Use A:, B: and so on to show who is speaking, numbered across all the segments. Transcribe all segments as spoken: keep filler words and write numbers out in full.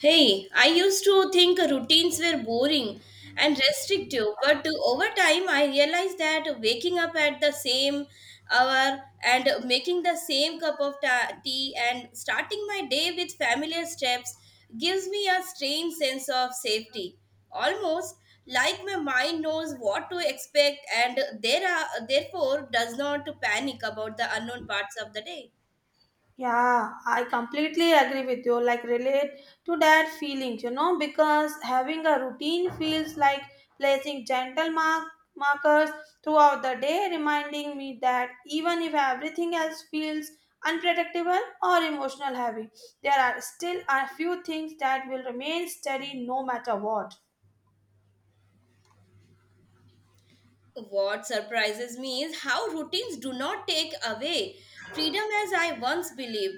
A: Hey, I used to think routines were boring and restrictive, but over time I realized that waking up at the same hour and making the same cup of ta- tea and starting my day with familiar steps gives me a strange sense of safety. Almost like my mind knows what to expect and there are, therefore does not panic about the unknown parts of the day.
B: Yeah, I completely agree with you. Like, relate to that feelings, you know, because having a routine feels like placing gentle mark markers throughout the day, reminding me that even if everything else feels unpredictable or emotional heavy, there are still a few things that will remain steady no matter what.
A: What surprises me is how routines do not take away freedom as I once believed,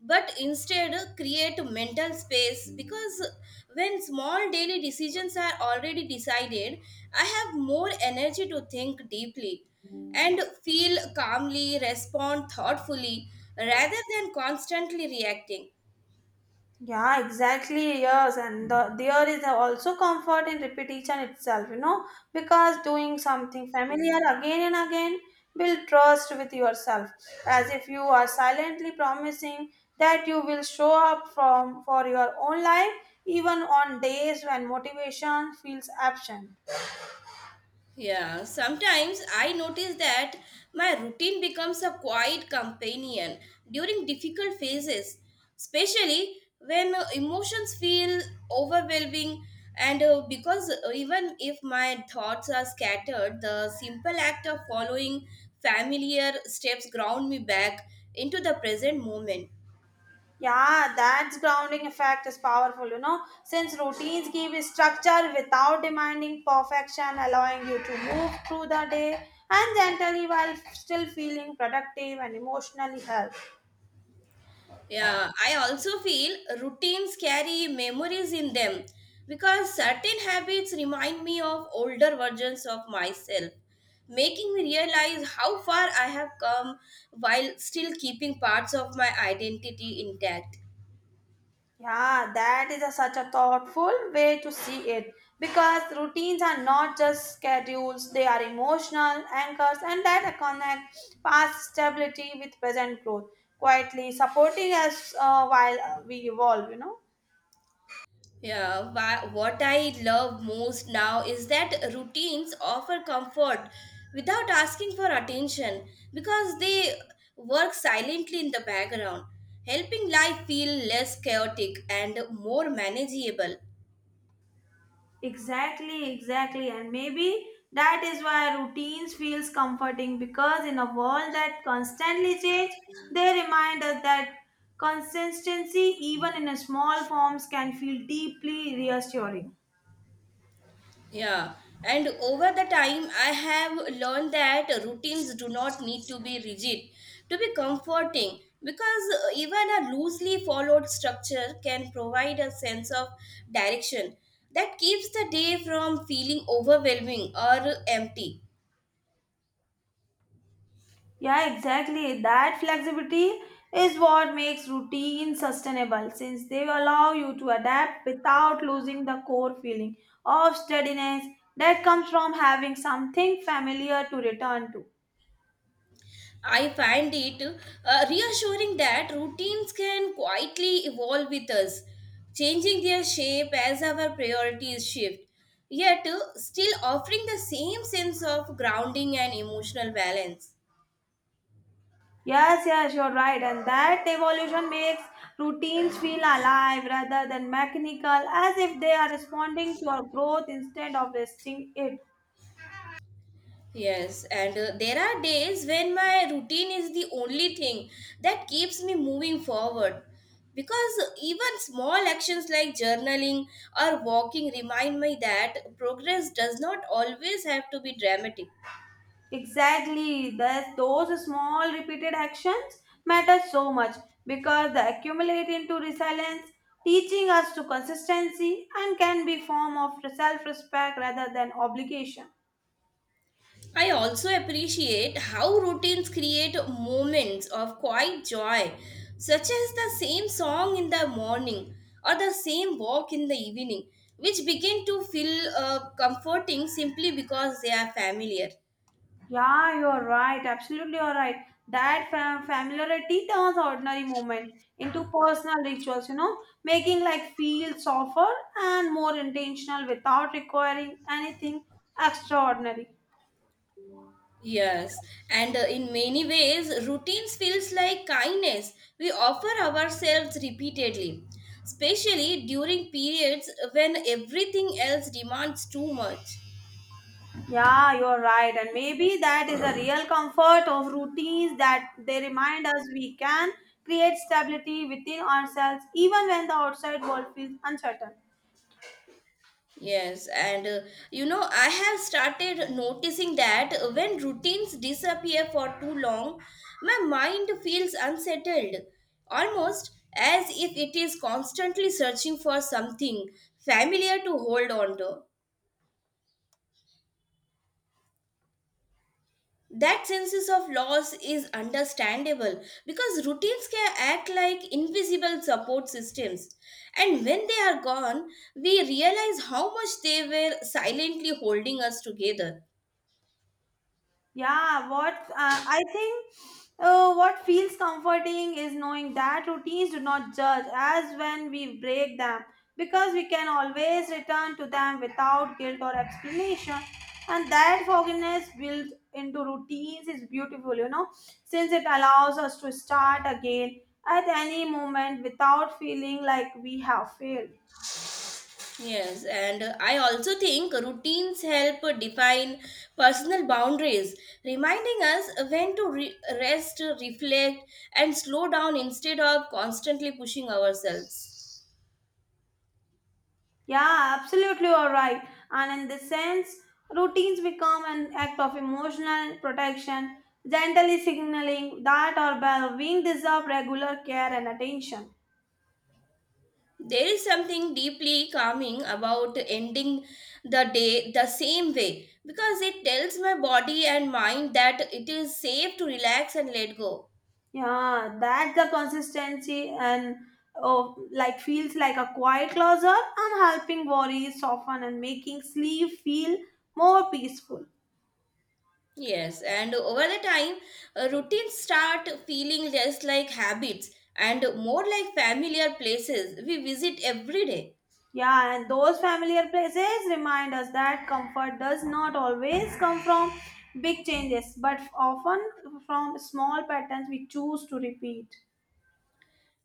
A: but instead create mental space because when small daily decisions are already decided, I have more energy to think deeply and feel calmly, respond thoughtfully rather than constantly reacting.
B: Yeah, exactly. Yes, and the, there is also comfort in repetition itself, you know, because doing something familiar again and again build trust with yourself, as if you are silently promising that you will show up from for your own life, even on days when motivation feels absent.
A: Yeah, sometimes I notice that my routine becomes a quiet companion during difficult phases, especially when uh, emotions feel overwhelming. And uh, because uh, even if my thoughts are scattered, the simple act of following familiar steps ground me back into the present moment.
B: Yeah, that grounding effect is powerful, you know, since routines give a structure without demanding perfection, allowing you to move through the day and gently while still feeling productive and emotionally healthy.
A: Yeah, I also feel routines carry memories in them because certain habits remind me of older versions of myself, making me realize how far I have come while still keeping parts of my identity intact.
B: Yeah, that is a, such a thoughtful way to see it because routines are not just schedules, they are emotional anchors and that connect past stability with present growth, quietly supporting us uh, while uh, we evolve, you know.
A: Yeah, wha- what I love most now is that routines offer comfort without asking for attention because they work silently in the background, helping life feel less chaotic and more manageable.
B: Exactly, exactly. And maybe that is why routines feels comforting because in a world that constantly change, they remind us that consistency even in a small forms can feel deeply reassuring.
A: Yeah, and over the time, I have learned that routines do not need to be rigid to be comforting because uh, even a loosely followed structure can provide a sense of direction that keeps the day from feeling overwhelming or empty.
B: Yeah, exactly. That flexibility is what makes routine sustainable since they allow you to adapt without losing the core feeling of steadiness that comes from having something familiar to return to.
A: I find it uh, reassuring that routines can quietly evolve with us, changing their shape as our priorities shift, yet uh, still offering the same sense of grounding and emotional balance.
B: Yes, yes, you're right. And that evolution makes routines feel alive rather than mechanical, as if they are responding to our growth instead of resting it.
A: Yes, and uh, there are days when my routine is the only thing that keeps me moving forward. Because even small actions like journaling or walking remind me that progress does not always have to be dramatic.
B: Exactly. Thus, those small repeated actions matter so much because they accumulate into resilience, teaching us to consistency and can be form of self-respect rather than obligation.
A: I also appreciate how routines create moments of quiet joy, such as the same song in the morning or the same walk in the evening, which begin to feel uh, comforting simply because they are familiar.
B: Yeah, you are right. Absolutely, you are right. That fam- familiarity turns ordinary moment into personal rituals, you know, making life feel softer and more intentional without requiring anything extraordinary.
A: Yes, and uh, in many ways, routines feels like kindness we offer ourselves repeatedly, especially during periods when everything else demands too much.
B: Yeah, you are right. And maybe that is the real comfort of routines that they remind us we can create stability within ourselves even when the outside world feels uncertain.
A: Yes, and uh, you know, I have started noticing that when routines disappear for too long, my mind feels unsettled, almost as if it is constantly searching for something familiar to hold on to. That sense of loss is understandable because routines can act like invisible support systems, and when they are gone, we realize how much they were silently holding us together.
B: Yeah, what uh, I think uh, what feels comforting is knowing that routines do not judge as when we break them because we can always return to them without guilt or explanation. And that forgiveness built into routines is beautiful, you know, since it allows us to start again at any moment without feeling like we have failed.
A: Yes, and uh, I also think routines help uh, define personal boundaries, reminding us when to re- rest, uh, reflect, and slow down instead of constantly pushing ourselves.
B: Yeah, absolutely, all right. And in this sense, routines become an act of emotional protection, gently signaling that our well-being deserve regular care and attention.
A: There is something deeply calming about ending the day the same way because it tells my body and mind that it is safe to relax and let go.
B: Yeah, that the consistency and oh, like feels like a quiet closer and helping worries soften and making sleep feel more peaceful.
A: Yes, and over the time, uh, routines start feeling less like habits and more like familiar places we visit every day.
B: Yeah, and those familiar places remind us that comfort does not always come from big changes, but often from small patterns we choose to repeat.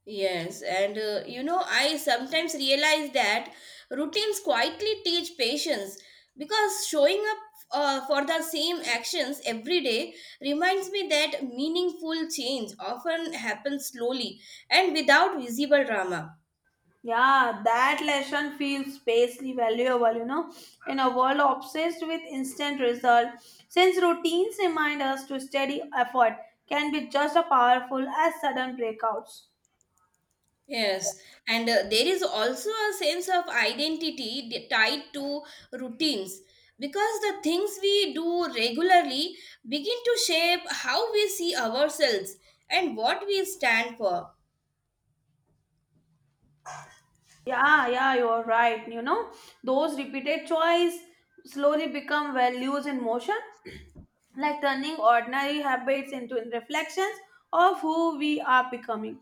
A: Yes, and uh, you know, I sometimes realize that routines quietly teach patience because showing up uh, for the same actions every day reminds me that meaningful change often happens slowly and without visible drama.
B: Yeah, that lesson feels spacely valuable, you know, in a world obsessed with instant result. Since routines remind us to steady effort can be just as powerful as sudden breakouts.
A: Yes, and uh, there is also a sense of identity d- tied to routines because the things we do regularly begin to shape how we see ourselves and what we stand for.
B: Yeah, yeah, you're right. You know, those repeated choice slowly become values in motion like turning ordinary habits into reflections of who we are becoming.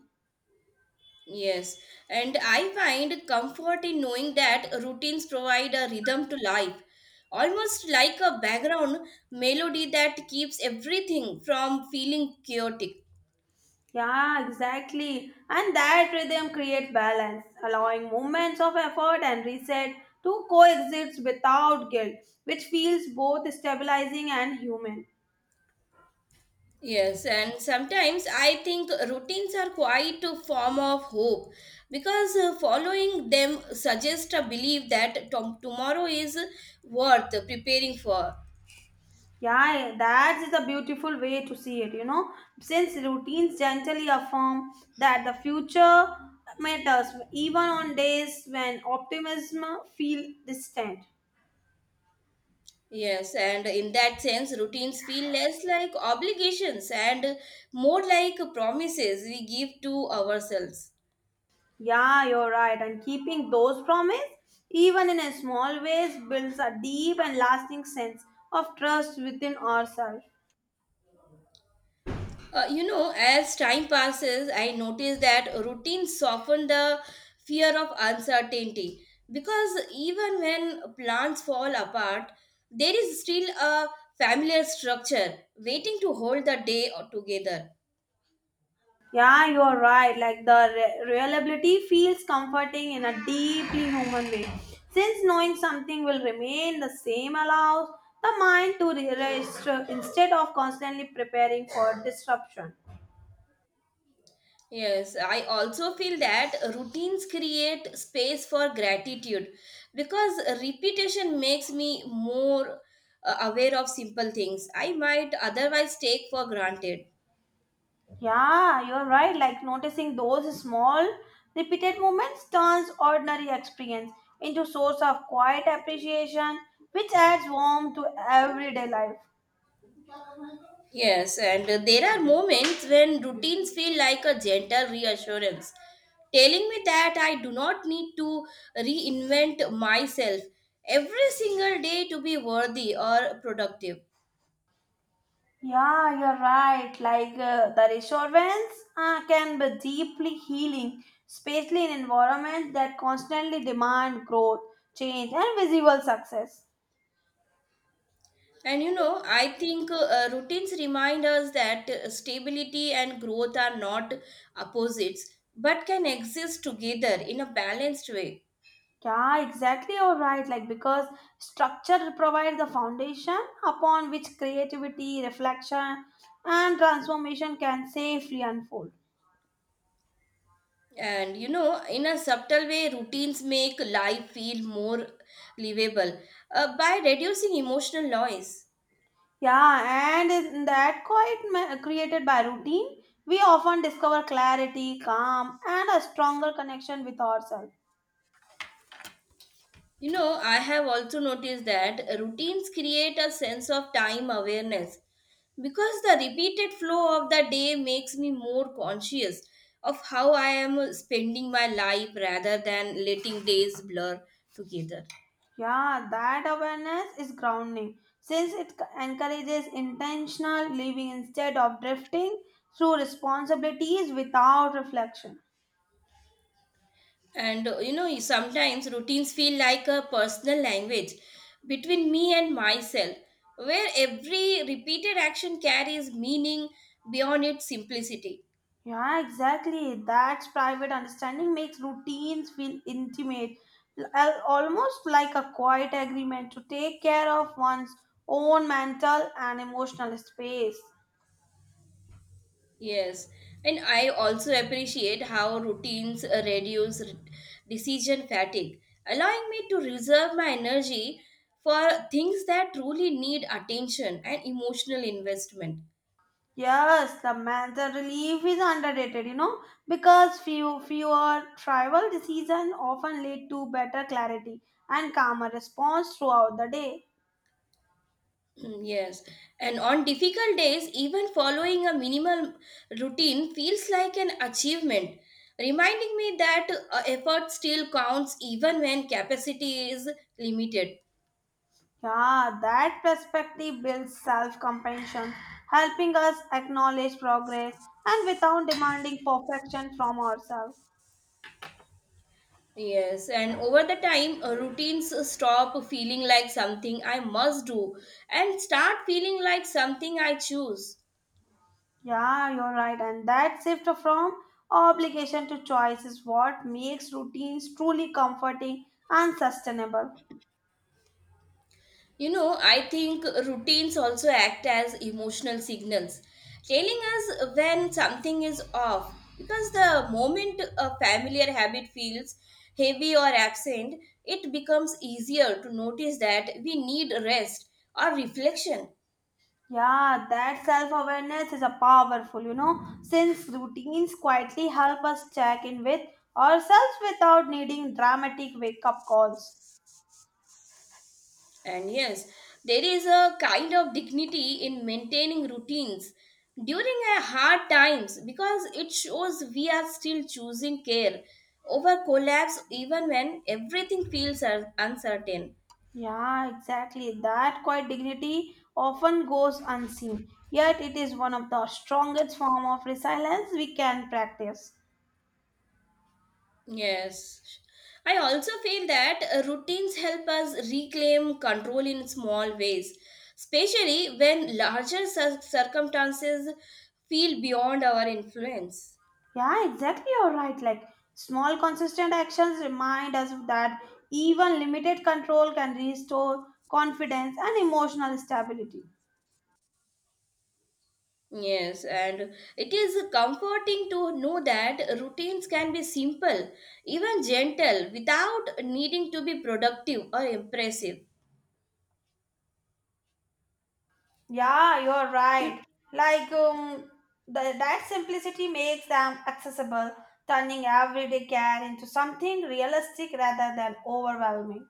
A: Yes, and I find comfort in knowing that routines provide a rhythm to life, almost like a background melody that keeps everything from feeling chaotic.
B: Yeah, exactly. And that rhythm creates balance, allowing moments of effort and reset to coexist without guilt, which feels both stabilizing and human.
A: Yes, and sometimes I think routines are quite a form of hope because uh, following them suggests a belief that tom- tomorrow is worth preparing for.
B: Yeah, that is a beautiful way to see it, you know, since routines gently affirm that the future matters even on days when optimism feels distant.
A: Yes, and in that sense, routines feel less like obligations and more like promises we give to ourselves.
B: Yeah, you're right. And keeping those promise, even in a small ways, builds a deep and lasting sense of trust within ourselves.
A: Uh, you know, as time passes, I notice that routines soften the fear of uncertainty because even when plans fall apart, there is still a familiar structure waiting to hold the day together.
B: Yeah, you're right. Like the re- reliability feels comforting in a deeply human way. Since knowing something will remain the same allows the mind to rest uh, instead of constantly preparing for disruption.
A: Yes, I also feel that routines create space for gratitude because repetition makes me more uh, aware of simple things I might otherwise take for granted.
B: Yeah, you're right. Like noticing those small, repeated moments turns ordinary experience into source of quiet appreciation, which adds warmth to everyday life.
A: Yes, and uh, there are moments when routines feel like a gentle reassurance, telling me that I do not need to reinvent myself every single day to be worthy or productive.
B: Yeah, you're right. Like uh, the reassurance uh, can be deeply healing, especially in environments that constantly demand growth, change, and visible success.
A: And you know, I think uh, uh, routines remind us that uh, stability and growth are not opposites but can exist together in a balanced way.
B: Yeah, exactly. You're right. Like, because structure provides the foundation upon which creativity, reflection, and transformation can safely unfold.
A: And you know, in a subtle way, routines make life feel more livable uh, by reducing emotional noise.
B: Yeah, and in that quiet ma- created by routine, we often discover clarity, calm, and a stronger connection with ourselves.
A: You know, I have also noticed that routines create a sense of time awareness because the repeated flow of the day makes me more conscious of how I am spending my life rather than letting days blur together.
B: Yeah, that awareness is grounding since it c- encourages intentional living instead of drifting through responsibilities without reflection.
A: And uh, you know, sometimes routines feel like a personal language between me and myself, where every repeated action carries meaning beyond its simplicity.
B: Yeah, exactly. That's private understanding makes routines feel intimate, al- almost like a quiet agreement to take care of one's own mental and emotional space.
A: Yes, and I also appreciate how routines uh, reduce r- decision fatigue, allowing me to reserve my energy for things that truly need attention and emotional investment.
B: Yes, the mental relief is underrated, you know, because few fewer tribal decisions often lead to better clarity and calmer response throughout the day.
A: Mm. Yes, and on difficult days, even following a minimal routine feels like an achievement, reminding me that uh, effort still counts even when capacity is limited.
B: Yeah, that perspective builds self compassion, helping us acknowledge progress and without demanding perfection from ourselves.
A: Yes, and over the time, uh, routines stop feeling like something I must do and start feeling like something I choose.
B: Yeah, you're right. And that shift from obligation to choice is what makes routines truly comforting and sustainable.
A: You know, I think routines also act as emotional signals, telling us when something is off. Because the moment a familiar habit feels heavy or absent, it becomes easier to notice that we need rest or reflection.
B: Yeah, that self awareness is a powerful, you know, since routines quietly help us check in with ourselves without needing dramatic wake up calls.
A: And yes, there is a kind of dignity in maintaining routines during a hard times because it shows we are still choosing care over collapse even when everything feels un- uncertain.
B: Yeah, exactly. That quiet dignity often goes unseen, yet it is one of the strongest form of resilience we can practice.
A: Yes. I also feel that uh, routines help us reclaim control in small ways, especially when larger cir- circumstances feel beyond our influence.
B: Yeah, exactly. You're right. Like small, consistent actions remind us that even limited control can restore confidence and emotional stability.
A: Yes, and it is comforting to know that routines can be simple, even gentle, without needing to be productive or impressive.
B: Yeah, you're
A: Mm.
B: right. Like um, the, that simplicity makes them accessible, turning everyday care into something realistic rather than overwhelming.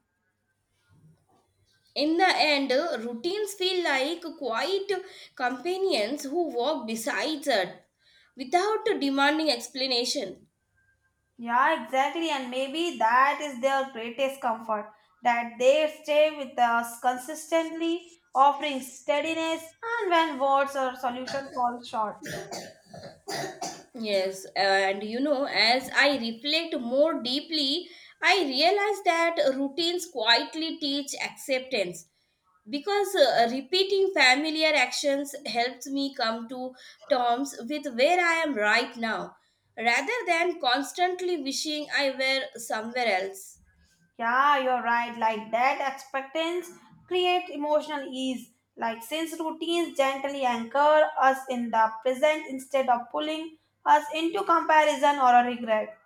A: In the end, routines feel like quiet companions who walk beside us without demanding explanation.
B: Yeah, exactly. And maybe that is their greatest comfort that they stay with us consistently, offering steadiness and when words or solution fall short.
A: Yes, uh, and you know, as I reflect more deeply, I realize that routines quietly teach acceptance because uh, repeating familiar actions helps me come to terms with where I am right now rather than constantly wishing I were somewhere else.
B: Yeah, you're right. Like that expectance create emotional ease. Like since routines gently anchor us in the present instead of pulling us into comparison or a regret.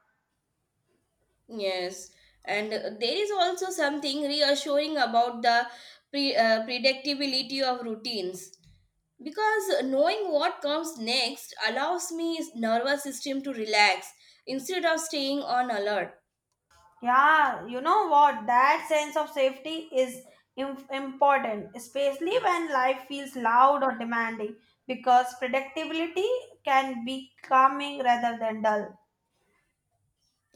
A: Yes, and uh, there is also something reassuring about the pre- uh, predictability of routines because knowing what comes next allows me nervous system to relax instead of staying on alert.
B: Yeah, you know what? That sense of safety is im- important, especially when life feels loud or demanding, because predictability can be calming rather than dull.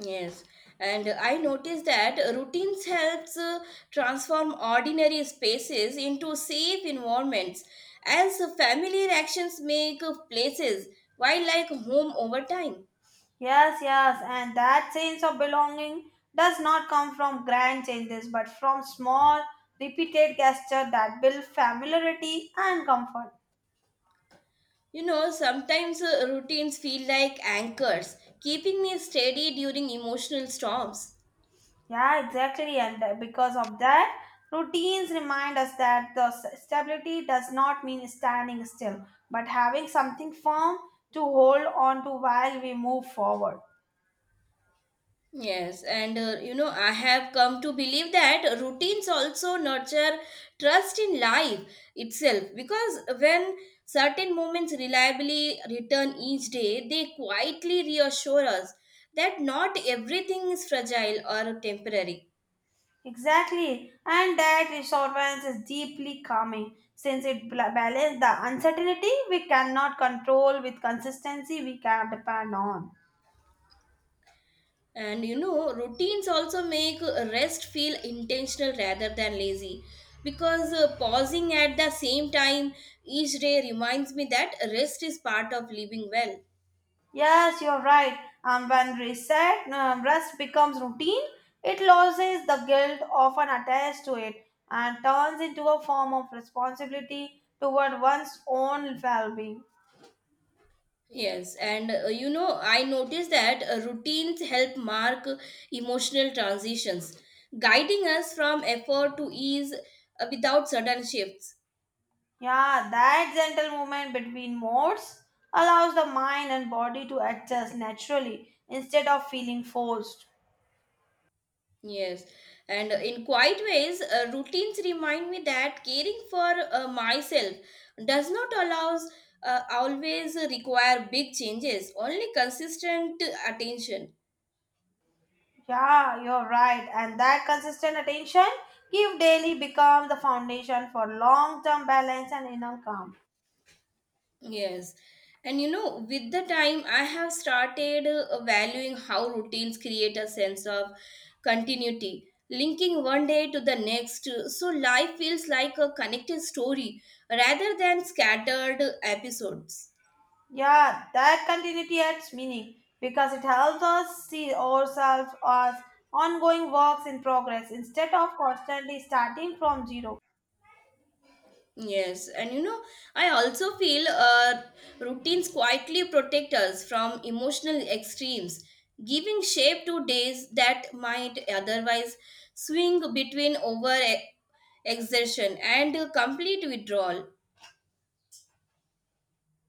A: Yes, and I noticed that routines helps uh, transform ordinary spaces into safe environments as familiar actions make places wildlife home over time.
B: Yes, yes, and that sense of belonging does not come from grand changes but from small, repeated gestures that build familiarity and comfort.
A: You know, sometimes uh, routines feel like anchors, keeping me steady during emotional storms.
B: Yeah, exactly. And uh, because of that, routines remind us that the s- stability does not mean standing still, but having something firm to hold on to while we move forward.
A: Yes, and uh, you know, I have come to believe that routines also nurture trust in life itself because when certain moments reliably return each day, they quietly reassure us that not everything is fragile or temporary.
B: Exactly. And that reassurance is deeply calming since it bla- balances the uncertainty we cannot control with consistency we can depend on.
A: And you know, routines also make rest feel intentional rather than lazy because uh, pausing at the same time each day reminds me that rest is part of living well.
B: Yes, you're right. Um, when reset, um, rest becomes routine, it loses the guilt often attached to it and turns into a form of responsibility toward one's own well being.
A: Yes, and uh, you know, I noticed that uh, routines help mark emotional transitions, guiding us from effort to ease uh, without sudden shifts.
B: Yeah, that gentle movement between modes allows the mind and body to adjust naturally instead of feeling forced.
A: Yes, and in quiet ways, uh, routines remind me that caring for uh, myself does not allows uh, always require big changes, only consistent attention.
B: Yeah, you're right. And that consistent attention give daily become the foundation for long term balance and inner calm.
A: Yes, and you know, with the time, I have started uh, valuing how routines create a sense of continuity, linking one day to the next, so life feels like a connected story rather than scattered episodes.
B: Yeah, that continuity adds meaning because it helps us see ourselves as ongoing works in progress instead of constantly starting from zero.
A: Yes, and you know, I also feel uh, routines quietly protect us from emotional extremes, giving shape to days that might otherwise swing between over e-, exertion and uh, complete withdrawal.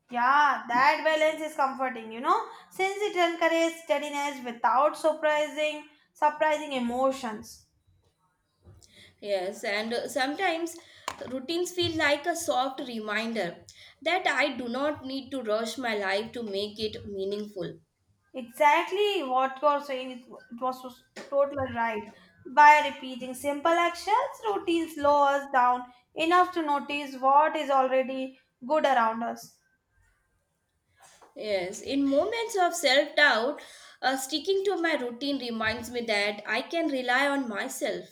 B: Yeah, that balance is comforting, you know, since it encourages steadiness without surprising surprising emotions.
A: Yes, and uh, sometimes routines feel like a soft reminder that I do not need to rush my life to make it meaningful.
B: Exactly what you're saying it it was so- totally right. By repeating simple actions, routine slow us down enough to notice what is already good around us.
A: Yes, in moments of self doubt, uh, sticking to my routine reminds me that I can rely on myself.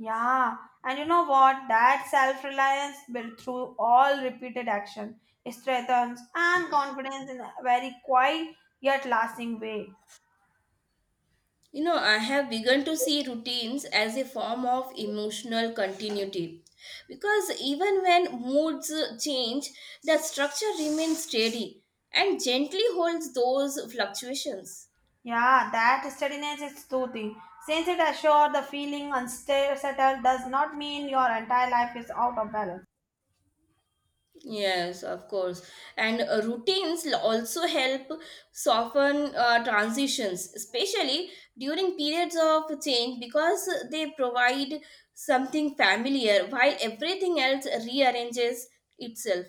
B: Yeah, and you know what? That self reliance built through all repeated action strengthens and confidence in a very quiet yet lasting way.
A: You know, I have begun to see routines as a form of emotional continuity because even when moods change, the structure remains steady and gently holds those fluctuations.
B: Yeah, that steadiness is soothing. Since it assures the feeling unsettled does not mean your entire life is out of balance.
A: Yes, of course. And uh, routines l- also help soften uh, transitions, especially during periods of change, because they provide something familiar while everything else rearranges itself.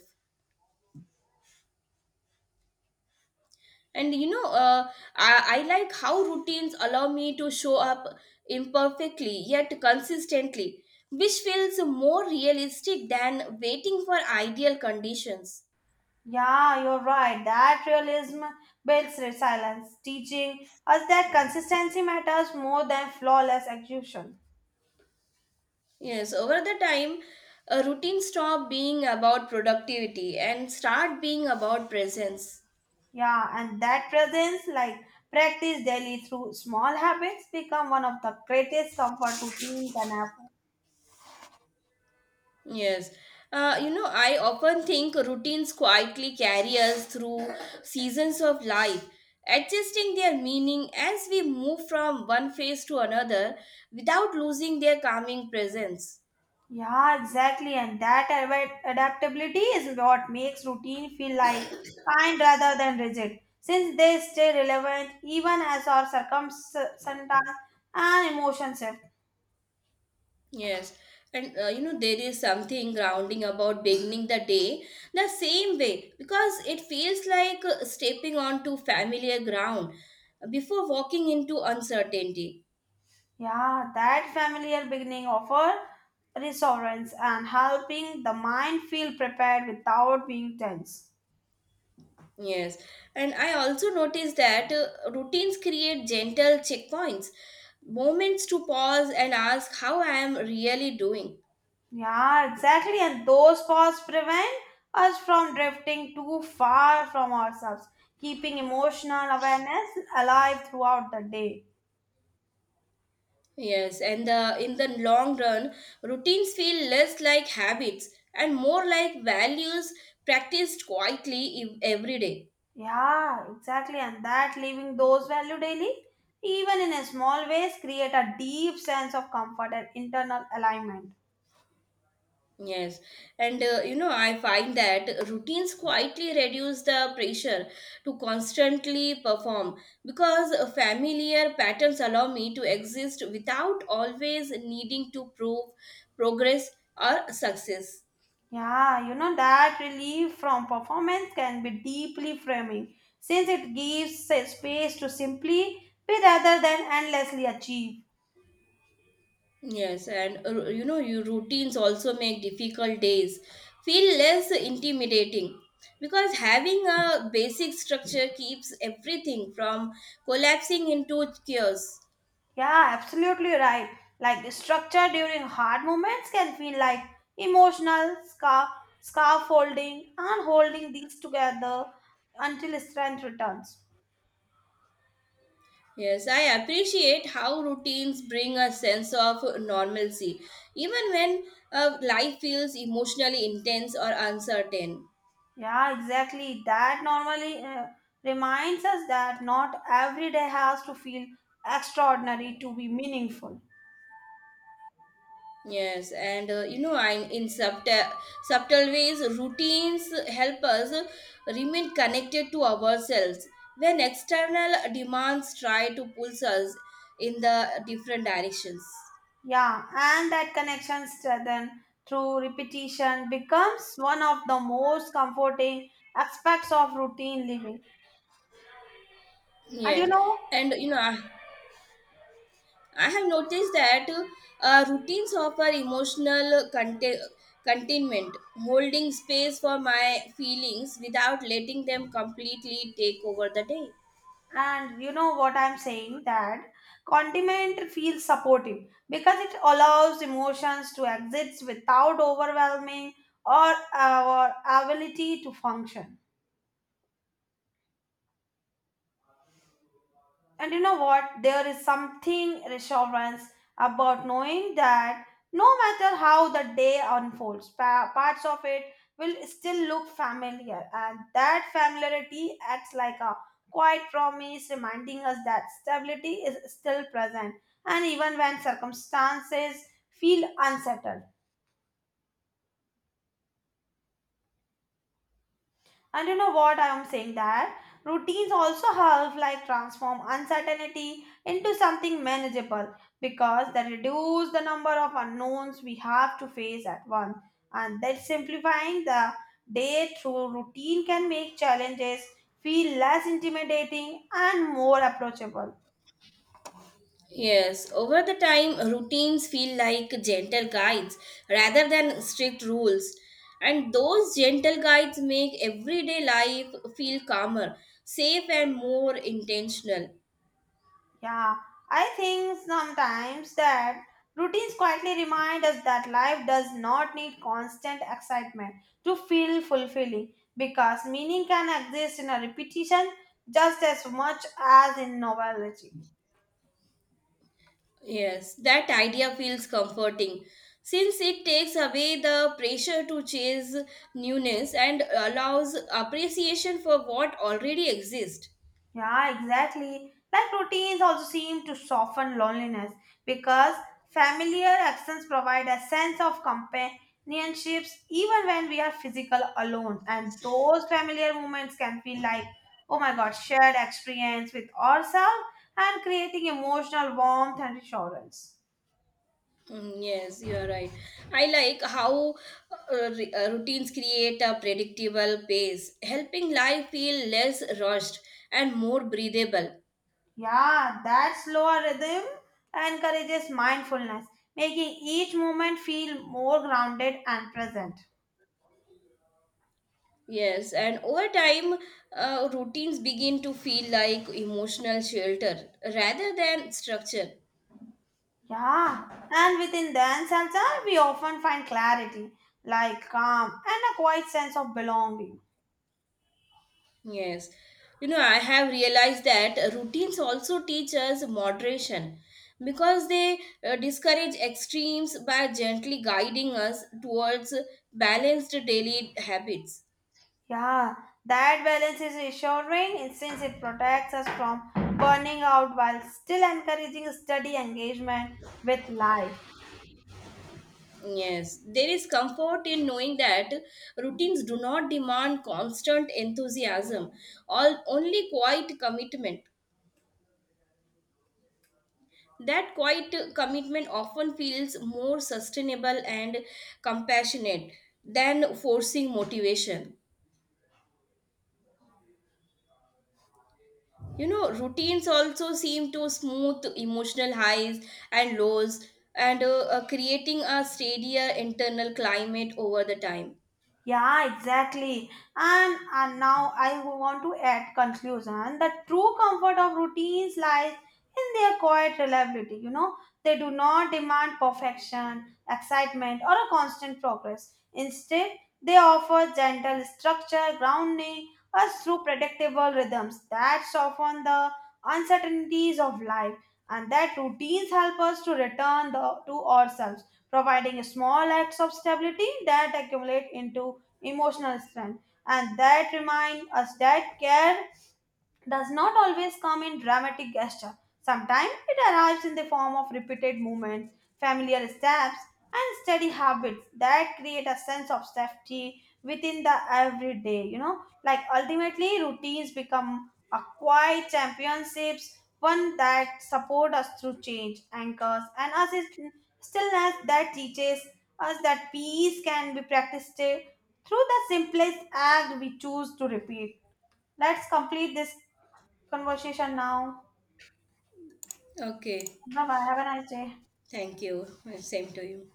A: And you know, uh, I, I like how routines allow me to show up imperfectly yet consistently, which feels more realistic than waiting for ideal conditions.
B: Yeah, you're right. That realism builds resilience, teaching us that consistency matters more than flawless execution.
A: Yes, over the time, a routine stop being about productivity and start being about presence.
B: Yeah, and that presence, like practice daily through small habits, become one of the greatest comfort routine can happen.
A: Yes. Uh, you know, I often think routines quietly carry us through seasons of life, adjusting their meaning as we move from one phase to another without losing their calming presence.
B: Yeah, exactly. And that adva- adaptability is what makes routine feel like kind rather than rigid, since they stay relevant even as our circumstances and emotions shift.
A: Yes, and uh, you know, there is something grounding about beginning the day the same way because it feels like uh, stepping onto familiar ground before walking into uncertainty.
B: Yeah, that familiar beginning offer resource and helping the mind feel prepared without being tense.
A: Yes, and I also noticed that uh, routines create gentle checkpoints, moments to pause and ask how I am really doing.
B: Yeah, exactly. And those paths prevent us from drifting too far from ourselves, keeping emotional awareness alive throughout the day.
A: Yes, and the, in the long run, routines feel less like habits and more like values practiced quietly ev- every day.
B: Yeah, exactly. And that living those value daily, even in a small ways, create a deep sense of comfort and internal alignment.
A: Yes, and uh, you know, I find that routines quietly reduce the pressure to constantly perform because uh, familiar patterns allow me to exist without always needing to prove progress or success.
B: Yeah, you know that relief from performance can be deeply framing since it gives a space to simply be rather than endlessly achieve.
A: Yes, and uh, you know, your routines also make difficult days feel less intimidating because having a basic structure keeps everything from collapsing into chaos.
B: Yeah, absolutely right. Like the structure during hard moments can feel like emotional scar scaffolding and holding these together until strength returns.
A: Yes, I appreciate how routines bring a sense of normalcy, even when uh, life feels emotionally intense or uncertain.
B: Yeah, exactly. That normally uh, reminds us that not every day has to feel extraordinary to be meaningful.
A: Yes, and uh, you know, I'm in subtle subtle ways. Routines help us remain connected to ourselves when external demands try to pull us in the different directions.
B: Yeah, and that connection strengthened through repetition becomes one of the most comforting aspects of routine living. And you
A: Yes,
B: know,
A: and you know, I, I have noticed that uh, routines offer emotional contain, containment, holding space for my feelings without letting them completely take over the day.
B: and you know what I'm saying that condiment feels supportive because it allows emotions to exist without overwhelming or our ability to function. And you know what? There is something reassurance about knowing that no matter how the day unfolds, pa- parts of it will still look familiar. And that familiarity acts like a quiet promise reminding us that stability is still present. And even when circumstances feel unsettled. And you know what I am saying that routines also help like transform uncertainty into something manageable because they reduce the number of unknowns we have to face at once and that simplifying the day through routine can make challenges feel less intimidating and more approachable.
A: Yes, over the time, routines feel like gentle guides rather than strict rules. And those gentle guides make everyday life feel calmer, safe, and more intentional.
B: Yeah, I think sometimes that routines quietly remind us that life does not need constant excitement to feel fulfilling because meaning can exist in a repetition just as much as in novelty.
A: Yes, that idea feels comforting since it takes away the pressure to chase newness and allows appreciation for what already exists.
B: Yeah, exactly. Like routines also seem to soften loneliness because familiar accents provide a sense of companionships even when we are physical alone. And those familiar moments can feel like, oh my god, shared experience with ourselves and creating emotional warmth and reassurance.
A: Mm. Yes, you are right. I like how uh, re- uh, routines create a predictable pace, helping life feel less rushed and more breathable.
B: Yeah, that slower rhythm encourages mindfulness, making each moment feel more grounded and present.
A: Yes, and over time, uh, routines begin to feel like emotional shelter rather than structure.
B: Yeah, and within dance also, we often find clarity, like calm and a quiet sense of belonging.
A: Yes. You know, I have realized that routines also teach us moderation because they uh, discourage extremes by gently guiding us towards balanced daily habits.
B: Yeah, that balance is reassuring since it protects us from burning out while still encouraging steady engagement with life.
A: Yes, there is comfort in knowing that routines do not demand constant enthusiasm, all only quiet commitment. That quiet commitment often feels more sustainable and compassionate than forcing motivation. You know, routines also seem to smooth emotional highs and lows and uh, uh, creating a steadier internal climate over the time.
B: Yeah, exactly. And and now I want to add conclusion. The true comfort of routines lies in their quiet reliability. You know, they do not demand perfection, excitement, or a constant progress. Instead, they offer gentle structure, grounding us through predictable rhythms that soften the uncertainties of life, and that routines help us to return the, to ourselves, providing small acts of stability that accumulate into emotional strength and that remind us that care does not always come in dramatic gesture. Sometimes it arrives in the form of repeated movements, familiar steps, and steady habits that create a sense of safety within the everyday. You know, like ultimately, routines become a quiet championships, one that support us through change, anchors, and us is stillness that teaches us that peace can be practiced through the simplest act we choose to repeat. Let's complete this conversation now.
A: Okay,
B: Bye bye. Have a nice day.
A: thank you. Same to you.